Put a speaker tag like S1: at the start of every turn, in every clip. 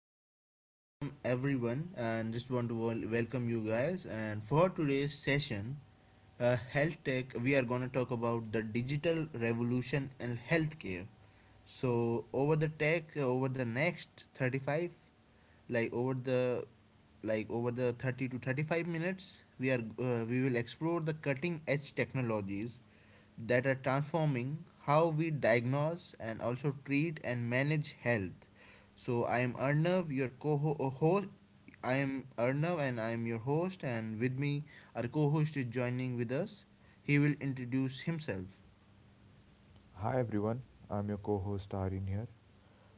S1: guys, welcome everyone, and just want to welcome you guys. And for today's session, health tech, we are gonna talk about the digital revolution in healthcare. So over the next 35, like over the over the 30 to 35 minutes we are we will explore the cutting edge technologies that are transforming how we diagnose and also treat and manage health. So I am Arnav, and I am your host, and with me our co-host is joining with us. He will introduce himself.
S2: Hi everyone, I'm your co-host Arin here.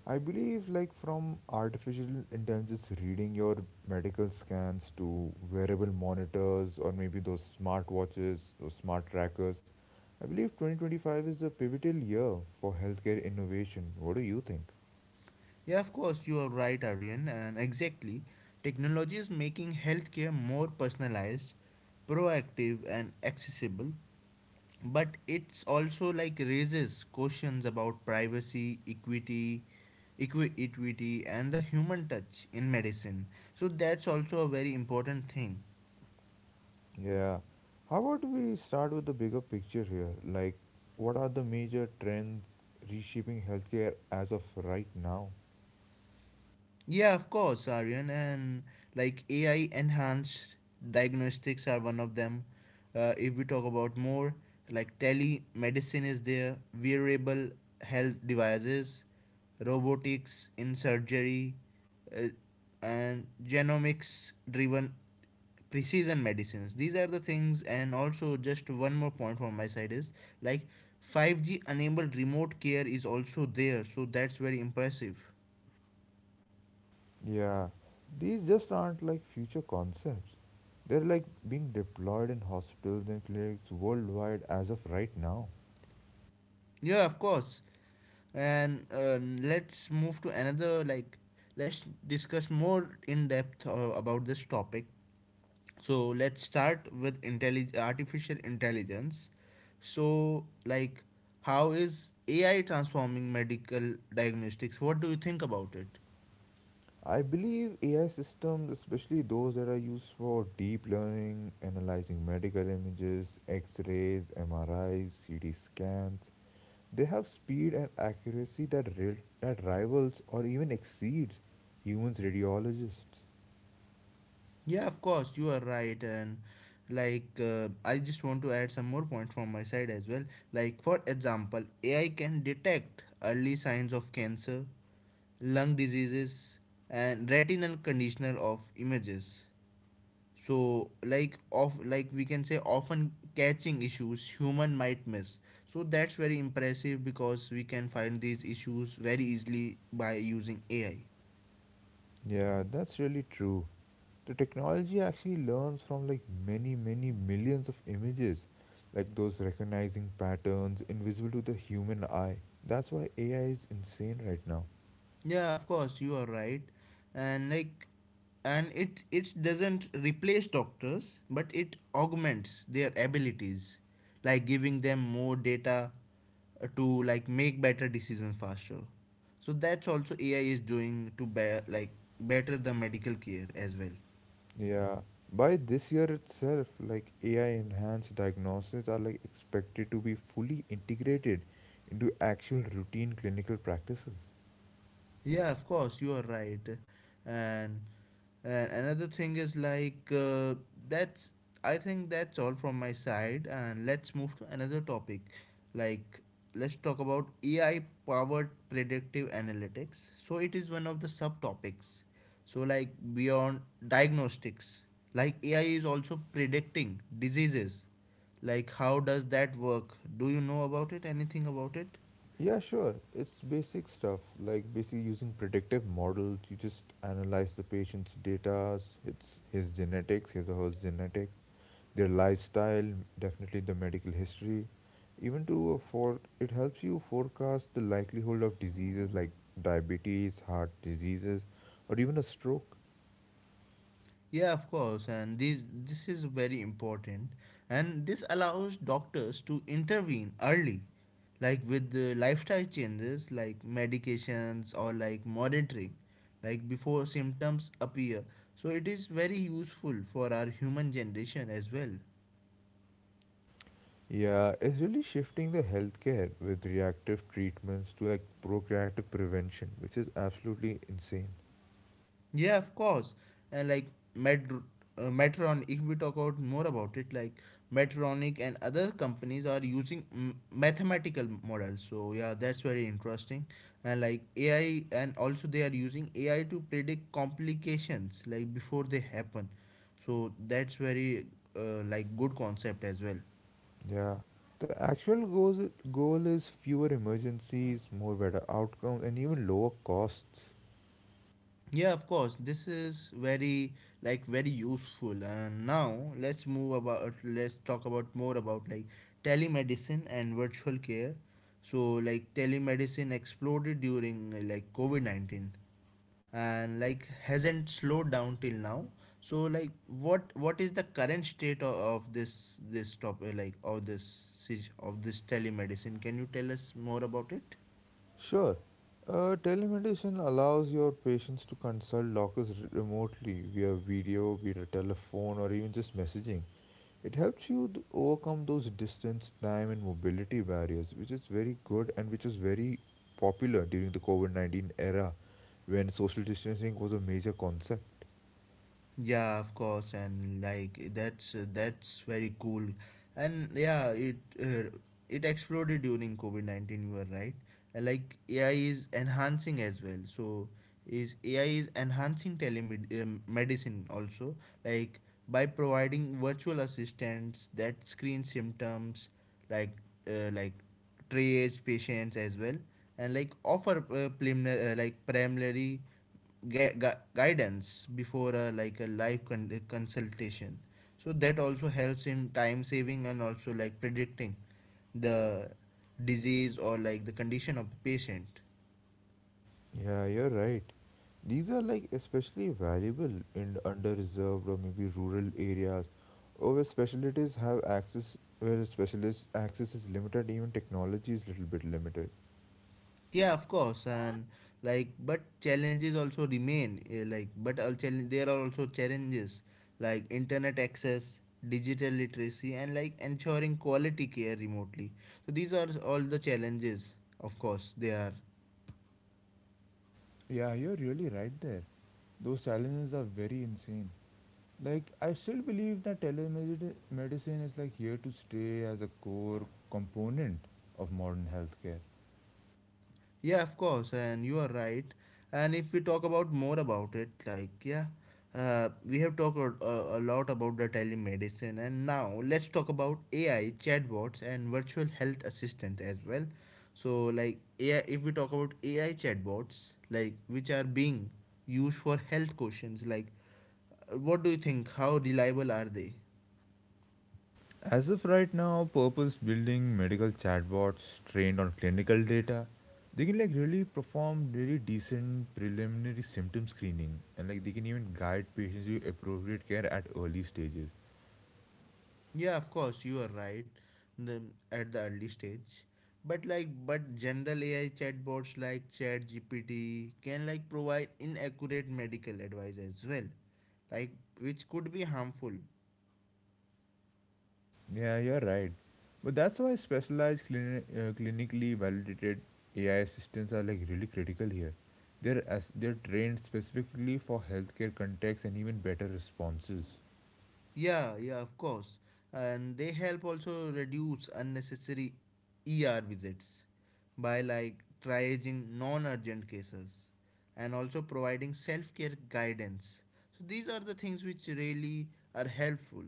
S2: I believe like from artificial intelligence reading your medical scans to wearable monitors or maybe those smart watches, those smart trackers, I believe 2025 is a pivotal year for healthcare innovation. What do you think?
S1: Yeah, of course, you are right, Aryan, and exactly. Technology is making healthcare more personalized, proactive, and accessible, but it's also, like, raises questions about privacy, equity, equity, and the human touch in medicine. So that's also a very important thing.
S2: Yeah. How about we start with the bigger picture here? Like what are the major trends reshaping healthcare as of right now?
S1: Yeah, of course, Aryan, and like AI enhanced diagnostics are one of them. If we talk about more, like telemedicine is there, wearable health devices, robotics in surgery, uh, and genomics driven precision medicines. These are the things, and also just one more point from my side is like 5G enabled remote care is also there, so that's very impressive.
S2: Yeah, these just aren't like future concepts. They're like being deployed in hospitals and clinics worldwide as of right now.
S1: Yeah, of course. And let's move to another like let's discuss more in depth about this topic. So let's start with artificial intelligence. So, like, how is AI transforming medical diagnostics? What do you think about it?
S2: I believe AI systems, especially those that are used for deep learning, analyzing medical images, x rays, MRIs, CT scans, they have speed and accuracy that, that rivals or even exceeds humans' radiologists.
S1: Yeah, of course, you are right. And like, I just want to add some more points from my side as well. Like, for example, AI can detect early signs of cancer, lung diseases, and retinal conditional of images. So, like, of like we can say often catching issues human might miss. So that's very impressive because we can find these issues very easily by using AI.
S2: Yeah, that's really true. The technology actually learns from like many millions of images, like those recognizing patterns invisible to the human eye. That's why AI is insane right now.
S1: Yeah, of course, you are right. And like and it doesn't replace doctors, but it augments their abilities, like giving them more data, to like make better decisions faster. So that's also AI is doing to better the medical care as well.
S2: Yeah, by this year itself, like AI enhanced diagnosis are like expected to be fully integrated into actual routine clinical practices.
S1: Yeah, of course, you are right. And, and another thing is like that's I think that's all from my side. And let's move to another topic. Like, let's talk about AI powered predictive analytics. So it is one of the subtopics. So, like, beyond diagnostics, like AI is also predicting diseases. Like, how does that work? Do you know about it? Anything about it?
S2: Yeah, sure. It's basic stuff, like basically using predictive models. You just analyze the patient's data, it's his genetics, his or her genetics, their lifestyle, definitely the medical history. Even to for it helps you forecast the likelihood of diseases like diabetes, heart diseases, or even a stroke.
S1: Yeah, of course, and this is very important, and this allows doctors to intervene early, like with the lifestyle changes, like medications or like monitoring, like before symptoms appear. So it is very useful for our human generation as well.
S2: Yeah, it's really shifting the healthcare with reactive treatments to like procreative prevention, which is absolutely insane.
S1: Yeah, of course. And like Med, if we talk about more about it, like Medtronic and other companies are using mathematical models. So yeah, that's very interesting. And like AI, and also they are using AI to predict complications like before they happen. So that's very, like, good concept as well.
S2: Yeah, the actual goal is fewer emergencies, more better outcomes, and even lower costs.
S1: Yeah, of course. This is very useful. And now let's move about let's talk about more about, like, telemedicine and virtual care. So like telemedicine exploded during, like, COVID-19, and like hasn't slowed down till now. So, like, what is the current state of this topic, like of this telemedicine? Can you tell us more about it?
S2: Sure, telemedicine allows your patients to consult doctors remotely via video, via telephone, or even just messaging. It helps you to overcome those distance, time, and mobility barriers, which is very good and which is very popular during the COVID 19 era when social distancing was a major concept.
S1: Yeah, of course, and like that's very cool, and yeah, it exploded during COVID 19. You are right, and like AI is enhancing as well. So is AI is enhancing telemedicine also, like by providing virtual assistants that screen symptoms, like like triage patients as well, and like offer, preliminary guidance before a live consultation. So that also helps in time saving and also like predicting the disease or like the condition of the patient.
S2: Yeah, you're right. These are like especially valuable in underreserved or maybe rural areas, or where specialities have access, where specialist access is limited, even technology is little bit limited.
S1: Yeah, of course, and, like, but challenges also remain. Eh, like but all challenge There are also challenges, like internet access, digital literacy, and like ensuring quality care remotely. So these are all the challenges, of course they are.
S2: Yeah, you're really right there. Those challenges are very insane. Like, I still believe that telemedicine is like here to stay as a core component of modern healthcare.
S1: Yeah, of course, and you are right. And if we talk about more about it, like, yeah, we have talked a lot about the telemedicine, and now let's talk about AI chatbots and virtual health assistant as well. So, like, AI, if we talk about AI chatbots, like, which are being used for health questions, like, what do you think? How reliable are they?
S2: As of right now, purpose building medical chatbots trained on clinical data, they can like really perform really decent preliminary symptom screening, and like they can even guide patients to appropriate care at early stages.
S1: Yeah, of course, you are right. The, at the early stage, but general AI chatbots like ChatGPT can like provide inaccurate medical advice as well, like, which could be harmful.
S2: Yeah, you're right. But that's why specialized clinically validated AI assistants are like really critical here. They're as they're trained specifically for healthcare contexts and even better responses.
S1: Yeah, yeah, of course, and they help also reduce unnecessary ER visits by like triaging non-urgent cases and also providing self-care guidance. So these are the things which really are helpful.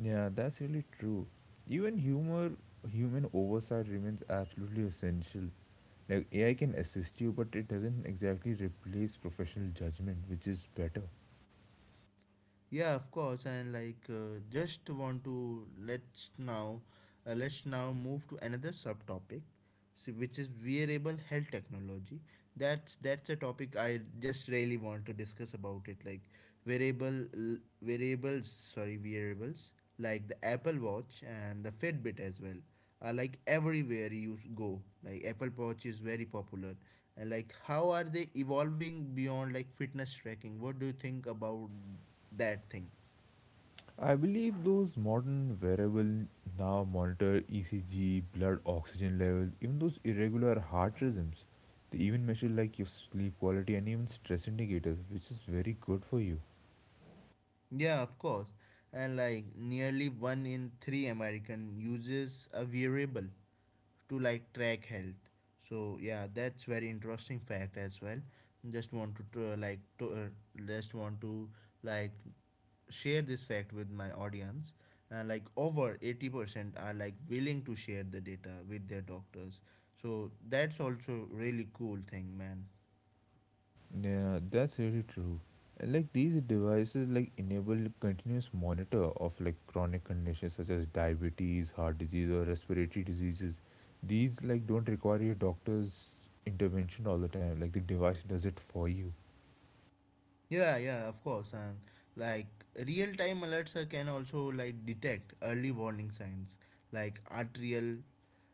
S2: Yeah, that's really true. Even humor, Human oversight remains absolutely essential. Like AI can assist you, but it doesn't exactly replace professional judgment, which is better.
S1: Yeah, of course, and like, just want to let's now move to another subtopic, so which is wearable health technology. That's a topic I just really want to discuss about it, like wearables like the Apple Watch and the Fitbit as well are like everywhere you go. Like, Apple Watch is very popular, and like how are they evolving beyond like fitness tracking? What do you think about that thing?
S2: I believe those modern wearable now monitor ECG, blood oxygen levels, even those irregular heart rhythms. They even measure like your sleep quality and even stress indicators, which is very good for you.
S1: Yeah, of course. And like nearly one in three American uses a variable to like track health. So yeah, that's very interesting fact as well. Just want to just want to like share this fact with my audience. And like over 80% are like willing to share the data with their doctors. So that's also really cool thing, man.
S2: Yeah, that's really true. And, like these devices like enable continuous monitor of like chronic conditions such as diabetes, heart disease or respiratory diseases. These like don't require your doctor's intervention all the time. Like the device does it for you.
S1: Yeah, yeah, of course. And like real time alerts, can also like detect early warning signs like arterial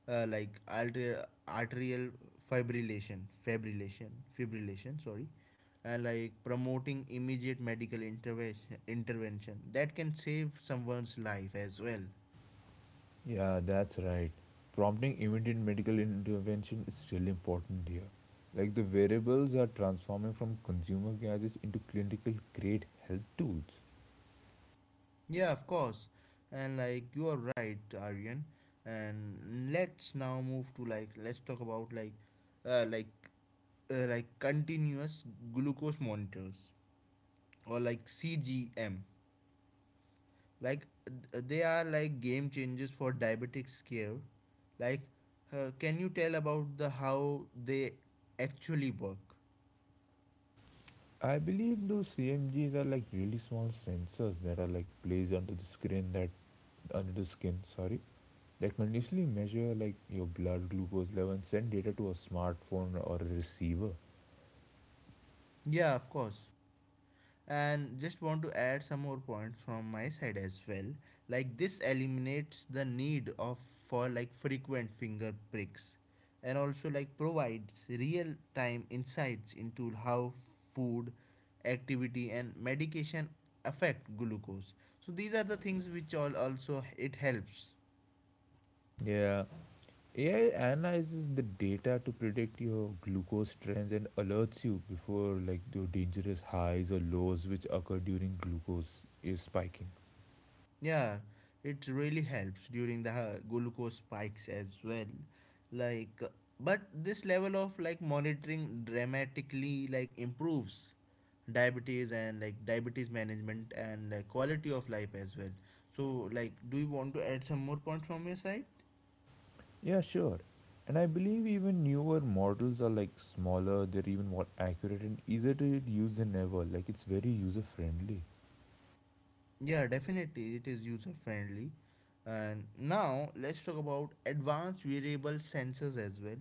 S1: uh, like arterial, arterial fibrillation, fibrillation, fibrillation, sorry. And like promoting immediate medical intervention that can save someone's life as well.
S2: Yeah, that's right. Prompting immediate medical intervention is really important here. Like the variables are transforming from consumer gadgets into clinical grade health tools.
S1: Yeah, of course. And like you are right, Aryan. And let's now move to like let's talk about, like, uh, like continuous glucose monitors, or like CGM. Like, they are like game changers for diabetics care. Like, can you tell about the how they actually work?
S2: I believe those CMGs are like really small sensors that are like placed under the screen that under the skin, sorry, that continuously measure like your blood glucose level and send data to a smartphone or a receiver.
S1: Yeah, of course, and just want to add some more points from my side as well, like this eliminates the need of for like frequent finger pricks and also like provides real time insights into how food, activity, and medication affect glucose. So these are the things which all also it helps.
S2: Yeah, AI analyzes the data to predict your glucose trends and alerts you before like the dangerous highs or lows which occur during glucose is spiking.
S1: Yeah, it really helps during the, glucose spikes as well. Like, but this level of like monitoring dramatically like improves diabetes management, and, like, quality of life as well. So, like, do you want to add some more points from your side?
S2: Yeah, sure. And I believe even newer models are like smaller, they're even more accurate and easier to use than ever. Like it's very user friendly.
S1: Yeah, definitely it is user friendly. And now let's talk about advanced wearable sensors as well.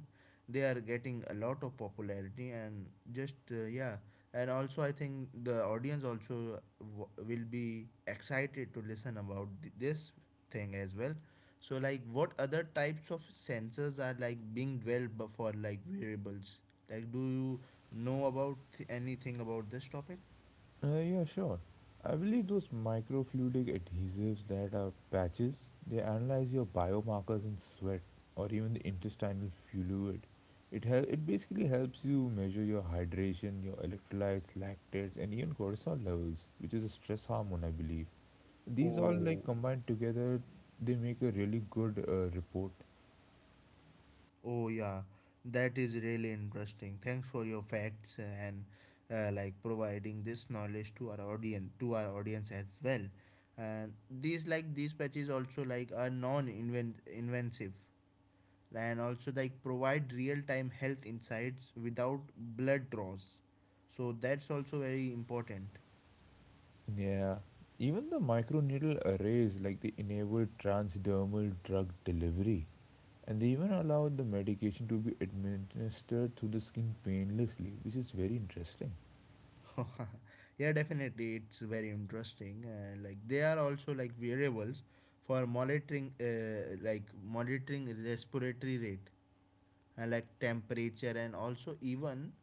S1: They are getting a lot of popularity and just yeah, and also I think the audience also will be excited to listen about this thing as well. So like what other types of sensors are like being developed for like wearables? Like, do you know about anything about this topic?
S2: Yeah, sure. I believe those microfluidic adhesives that are patches, they analyze your biomarkers in sweat or even the intestinal fluid. It basically helps you measure your hydration, your electrolytes, lactates, and even cortisol levels, which is a stress hormone, I believe. These all
S1: Oh,
S2: like combined together, they make a really good report.
S1: Oh yeah, that is really interesting. Thanks for your facts and, like, providing this knowledge to our audience as well. And these patches also like are non-invasive and also like provide real-time health insights without blood draws. So that's also very important.
S2: Yeah, even the microneedle arrays like they enable transdermal drug delivery, and they even allow the medication to be administered through the skin painlessly, which is very interesting.
S1: Yeah, definitely it's very interesting, like, they are also like variables for monitoring respiratory rate and like temperature and also even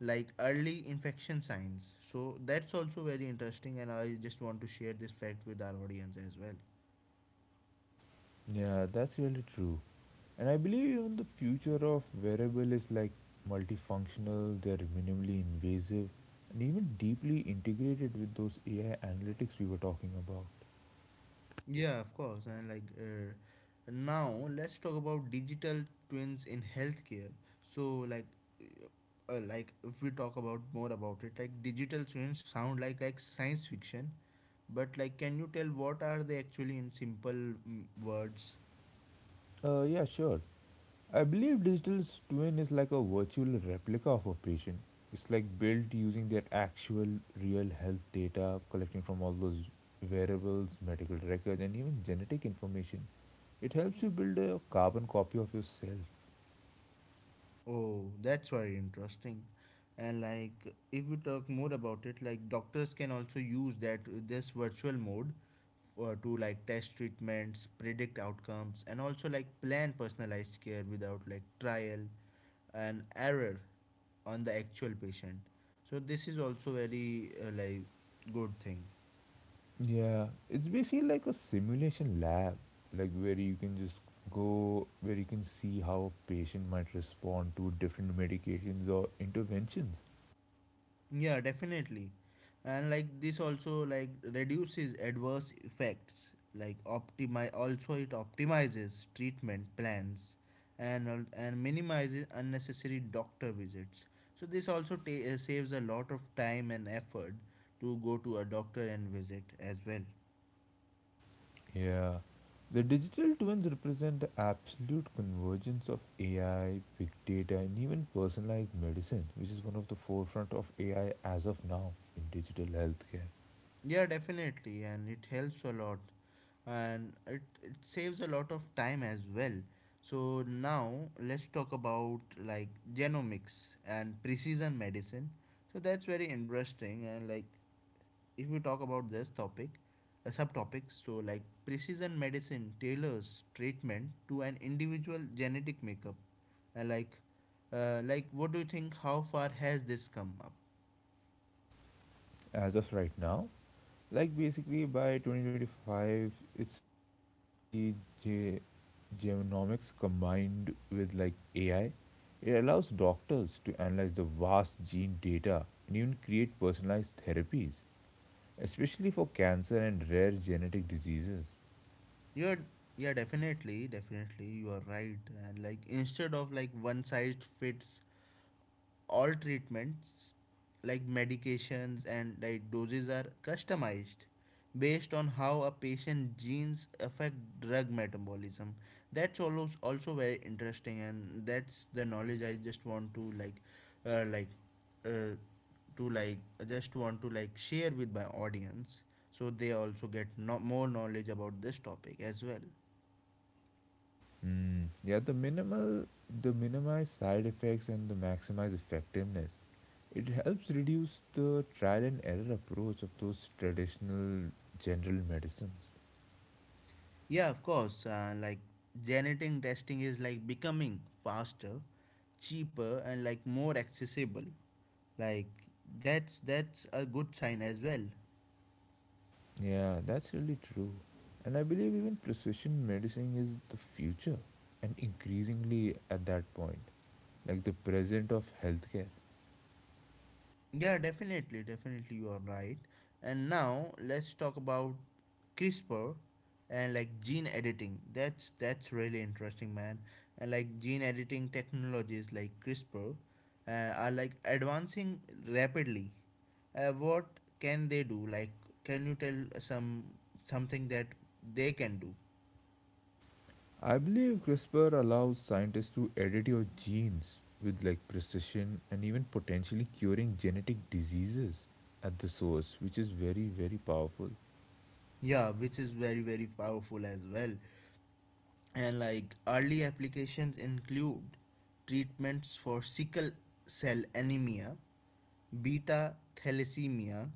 S1: like early infection signs. So that's also very interesting, and I just want to share this fact with our audience as well.
S2: Yeah, that's really true. And I believe even the future of wearable is like multifunctional, they're minimally invasive, and even deeply integrated with those AI analytics we were talking about.
S1: Yeah, of course. And like, now, let's talk about digital twins in healthcare. So, like, if we talk about more about it, like digital twins sound like science fiction, but like, can you tell what are they actually in simple, words?
S2: Yeah, sure. I believe digital twin is like a virtual replica of a patient. It's like built using their actual real health data, collecting from all those variables, medical records, and even genetic information. It helps you build a carbon copy of yourself.
S1: Oh, that's very interesting. And like, if we talk more about it, like doctors can also use that this virtual mode, to like test treatments, predict outcomes, and also like plan personalized care without like trial and error on the actual patient. So this is also very, like, good thing.
S2: Yeah, it's basically like a simulation lab, like where you can just go, where you can see how a patient might respond to different medications or interventions.
S1: Yeah, definitely. And like this also like reduces adverse effects. Like, optimize also it optimizes treatment plans, and minimizes unnecessary doctor visits. So this also saves a lot of time and effort to go to a doctor and visit as well.
S2: Yeah. The digital twins represent the absolute convergence of AI, big data, and even personalized medicine, which is one of the forefront of AI as of now in digital healthcare.
S1: Yeah, definitely, and it helps a lot and it saves a lot of time as well. So now let's talk about like genomics and precision medicine. So that's very interesting, and like if we talk about this topic subtopics, so like precision medicine tailors treatment to an individual genetic makeup. And like what do you think, how far has this come up?
S2: As of right now, like basically by 2025, it's basically ge- genomics combined with like AI. It allows doctors to analyze the vast gene data and even create personalized therapies, especially for cancer and rare genetic diseases.
S1: You're Yeah, definitely, definitely, you are right. And like instead of like one size fits all treatments, like medications and like doses are customized based on how a patient genes affect drug metabolism. That's also very interesting, and that's the knowledge I just want to like uh, to like just want to like share with my audience so they also get more knowledge about this topic as well.
S2: Yeah, the minimize side effects and the maximize effectiveness. It helps reduce the trial and error approach of those traditional general medicines.
S1: Yeah, of course. Like genetic testing is like becoming faster, cheaper, and like more accessible. Like that's a good sign as well.
S2: Yeah, that's really true. And I believe even precision medicine is the future and increasingly at that point, like the present of healthcare.
S1: Yeah, definitely, definitely, you are right. And now let's talk about CRISPR and like gene editing. That's really interesting, man. And like gene editing technologies like CRISPR uh, are like advancing rapidly. What can they do? Like, can you tell some something that they can do?
S2: I believe CRISPR allows scientists to edit your genes with like precision and even potentially curing genetic diseases at the source, which is very, very powerful.
S1: Yeah, which is very very powerful as well. And like early applications include treatments for sickle cell anemia, beta thalassemia,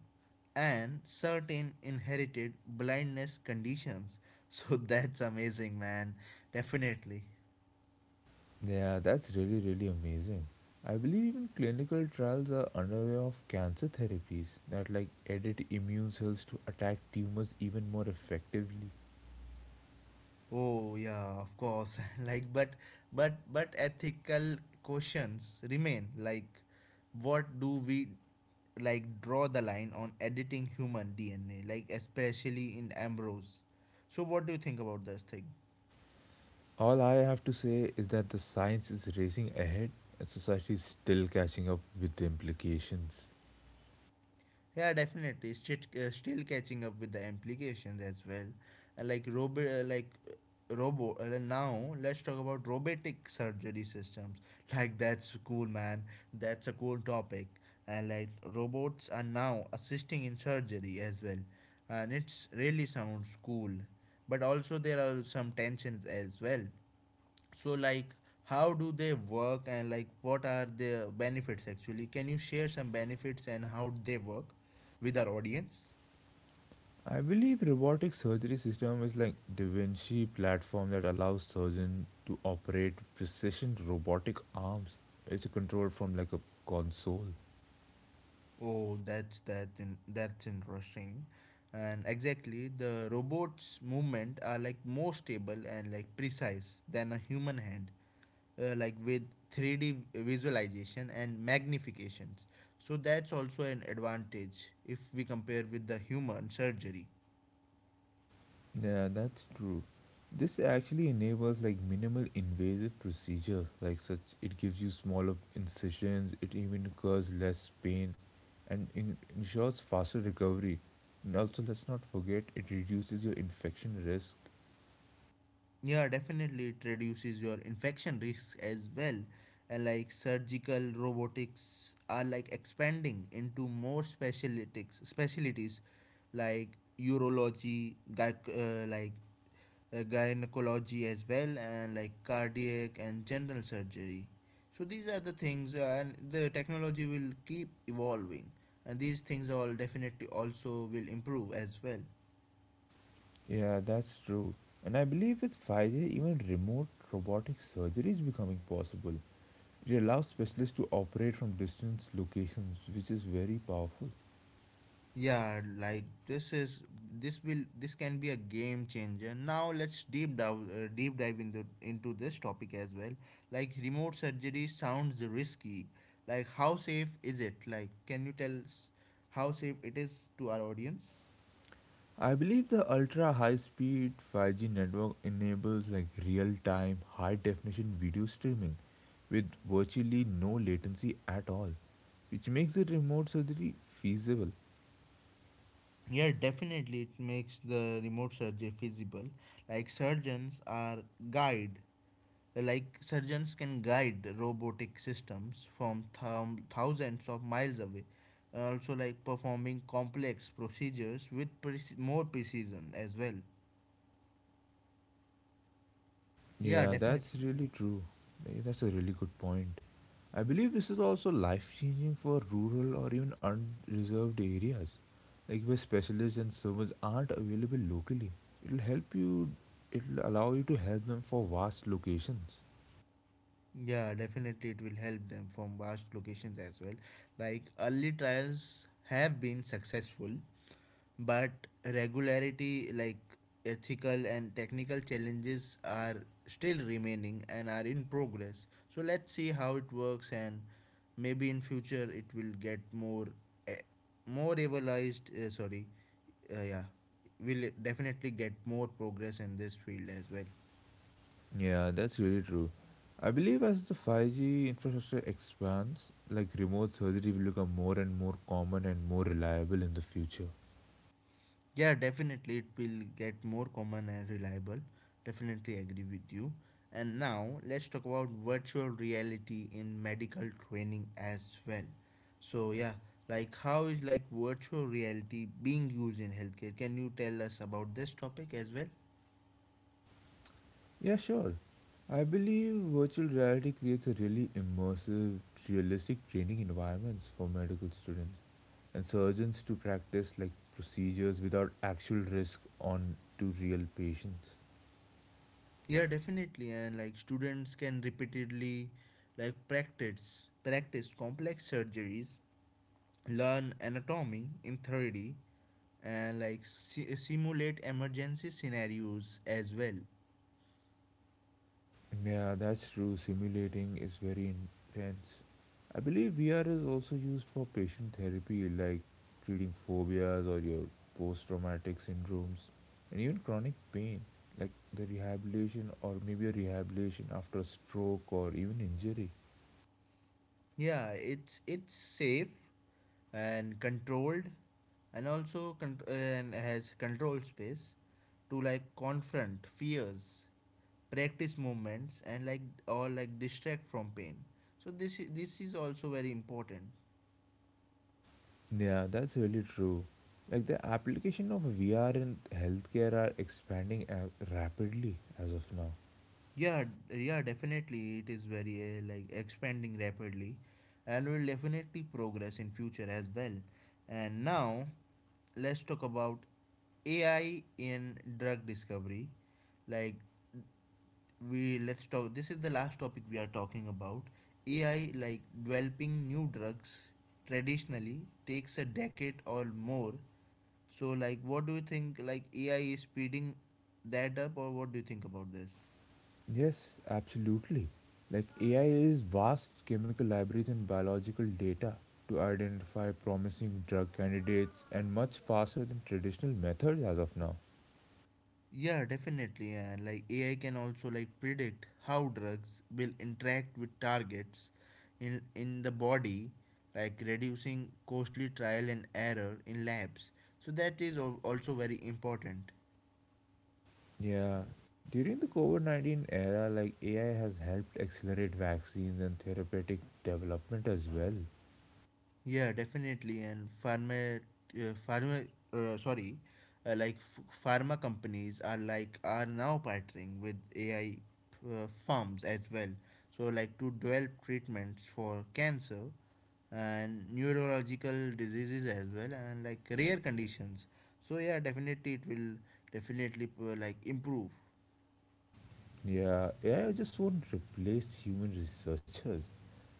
S1: and certain inherited blindness conditions. So that's amazing, man. Definitely.
S2: Yeah, that's really, really amazing. I believe even clinical trials are underway of cancer therapies that like edit immune cells to attack tumors even more effectively.
S1: Oh yeah, of course. Like but but ethical questions remain, like what do we like draw the line on editing human DNA, like especially in Ambrose. So what do you think about this thing?
S2: All I have to say is that the science is racing ahead and society is still catching up with the implications.
S1: Yeah, definitely. Still, still catching up with the implications as well. Like robot, like robo. Now let's talk about robotic surgery systems. Like that's cool, man. That's a cool topic. And like robots are now assisting in surgery as well, and it's really sounds cool. But also there are some tensions as well. So like how do they work, and like what are the benefits actually? Can you share some benefits and how they work with our audience?
S2: I believe robotic surgery system is like Da Vinci platform that allows surgeon to operate precision robotic arms. It's controlled from like a console.
S1: Oh, that's interesting. And exactly, the robot's movement are like more stable and like precise than a human hand, like with 3D visualization and magnifications. So that's also an advantage if we compare with the human surgery.
S2: Yeah, that's true. This actually enables like minimal invasive procedure, like such it gives you smaller incisions, it even causes less pain and ensures faster recovery. And also let's not forget it reduces your infection risk.
S1: Yeah, definitely it reduces your infection risks as well. And like surgical robotics are like expanding into more specialties like urology, uh, like gynecology as well, and like cardiac and general surgery. So these are the things, and the technology will keep evolving, and these things all definitely also will improve as well.
S2: Yeah, that's true. And I believe with 5G, even remote robotic surgery is becoming possible. It allows specialists to operate from distance locations, which is very powerful.
S1: Yeah, like this is this will this can be a game changer. Now let's deep dive into this topic as well. Like remote surgery sounds risky. Like how safe is it? Like can you tell us how safe it is to our audience?
S2: I believe the ultra high speed 5G network enables like real time, high definition video streaming with virtually no latency at all, which makes the remote surgery feasible.
S1: Yeah, definitely it makes the remote surgery feasible. Like guide surgeons can guide robotic systems from thousands of miles away, also like performing complex procedures with more precision as well. Yeah,
S2: Yeah, that's
S1: definitely.
S2: really true. That's a really good point. I believe this is also life changing for rural or even unreserved areas, like where specialists and servants aren't available locally. It'll help you, It'll allow you to help them for vast locations.
S1: Yeah, definitely it will help them from vast locations as well. Like early trials have been successful, but regularity like ethical and technical challenges are still remaining and are in progress. So let's see how it works, and maybe in future it will get more eh, more evaluated sorry yeah, will definitely get more progress in this field as well.
S2: Yeah, that's really true. I believe as the 5G infrastructure expands, like remote surgery will become more and more common and more reliable in the future.
S1: Yeah, definitely it will get more common and reliable. Definitely agree with you. And now let's talk about virtual reality in medical training as well. So yeah, like how is like virtual reality being used in healthcare? Can you tell us about this topic as well?
S2: Yeah, sure. I believe virtual reality creates a really immersive, realistic training environments for medical students and surgeons to practice like procedures without actual risk on to real patients.
S1: Yeah, definitely. And like students can repeatedly like practice complex surgeries, learn anatomy in 3D, and like simulate emergency scenarios as well.
S2: Yeah, that's true. Simulating is very intense. I believe VR is also used for patient therapy, like treating phobias or your post traumatic syndromes and even chronic pain, like the rehabilitation or maybe a rehabilitation after a stroke or even injury.
S1: Yeah, it's safe and controlled, and also and has control space to like confront fears, practice movements, and like or like distract from pain. So this is also very important.
S2: Yeah, that's really true. Like the application of VR in healthcare are expanding rapidly as of now.
S1: Yeah, yeah, definitely it is very like expanding rapidly and will definitely progress in future as well. And now let's talk about AI in drug discovery. Like we let's talk, this is the last topic we are talking about. AI, like developing new drugs traditionally takes a decade or more. So like what do you think, like AI is speeding that up, or what do you think about this?
S2: Yes, absolutely. Like AI is vast chemical libraries and biological data to identify promising drug candidates and much faster than traditional methods as of now.
S1: Yeah, definitely. And like AI can also like predict how drugs will interact with targets in the body, like reducing costly trial and error in labs. So that is also very important.
S2: Yeah, during the COVID 19 era, like AI has helped accelerate vaccines and therapeutic development as well.
S1: Yeah, definitely. And uh, pharma, uh, sorry, pharma companies are like are now partnering with AI firms as well. So like to develop treatments for cancer and neurological diseases as well, and like rare conditions. So yeah, definitely it will definitely like improve.
S2: Yeah, AI just won't replace human researchers,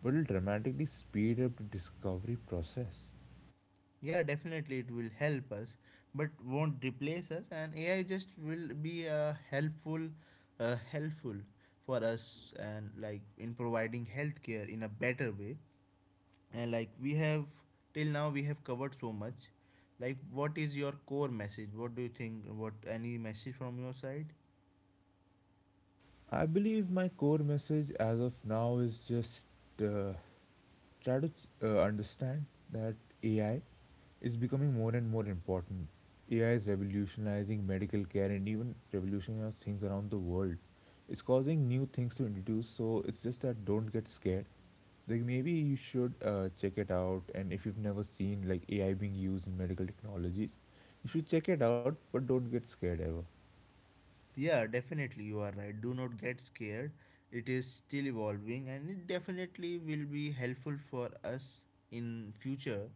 S2: but it will dramatically speed up the discovery process.
S1: Yeah, definitely it will help us, but won't replace us. And AI just will be a helpful, helpful for us, and like in providing healthcare in a better way. And like we have till now, we have covered so much. Like, what is your core message? What do you think? What any message from your side?
S2: I believe my core message as of now is just uh, try to understand that AI is becoming more and more important. AI is revolutionizing medical care and even revolutionizing things around the world. It's causing new things to introduce, so it's just that don't get scared. Like maybe you should check it out, and if you've never seen like AI being used in medical technologies, you should check it out, but don't get scared ever.
S1: Yeah, definitely you are right. Do not get scared. It is still evolving, and it definitely will be helpful for us in future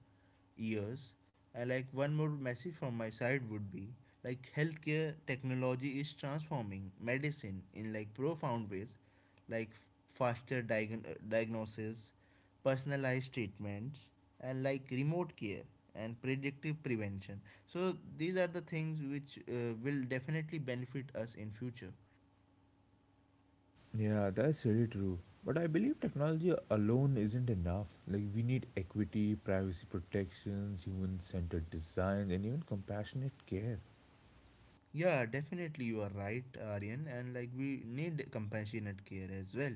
S1: years. And like one more message from my side would be like healthcare technology is transforming medicine in like profound ways, like faster diagnosis, personalized treatments, and like remote care and predictive prevention. So these are the things which will definitely benefit us in future.
S2: Yeah, that's really true. But I believe technology alone isn't enough. Like, we need equity, privacy protections, human centered design, and even compassionate care.
S1: Yeah, definitely you are right, Aryan. And like we need compassionate care as well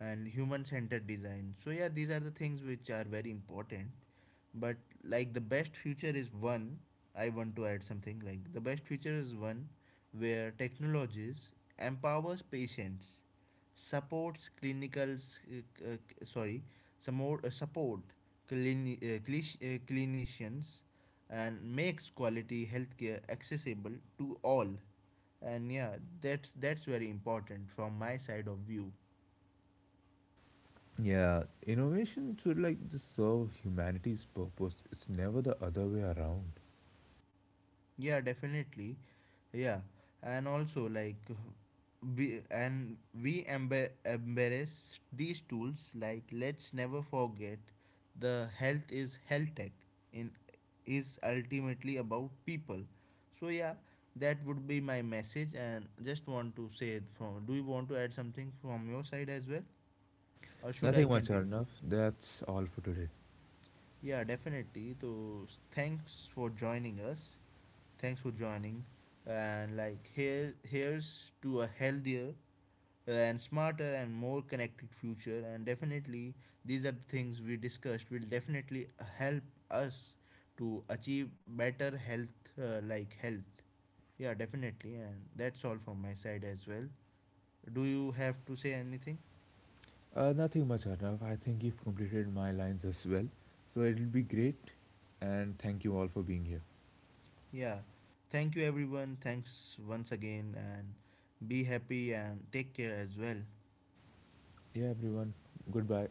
S1: and human centered design. So, yeah, these are the things which are very important. But like the best future is one, I want to add something, like the best future is one where technologies empowers patients, supports clinicals, sorry, some more, support clini- clish- clinicians and makes quality healthcare accessible to all. And yeah, that's very important from my side of view.
S2: Yeah, innovation should like just serve humanity's purpose. It's never the other way around.
S1: Yeah, definitely. Yeah, and also like we and we embe- embrace these tools. Like let's never forget, the health is health tech in is ultimately about people. So yeah, that would be my message, and just want to say it from do you want to add something from your side as well? Or should I
S2: Nothing much,
S1: continue?
S2: Arnav. That's all for today.
S1: Yeah, definitely. So thanks for joining us. Thanks for joining. And like here's to a healthier and smarter and more connected future, and definitely these are the things we discussed will definitely help us to achieve better health uh, like health yeah, definitely, and that's all from my side as well. Do you have to say anything?
S2: Nothing much, Arnav. I think you've completed my lines as well. So it'll be great. And thank you all for being here.
S1: Yeah. Thank you, everyone. Thanks once again, and be happy and take care as well.
S2: Yeah, everyone. Goodbye.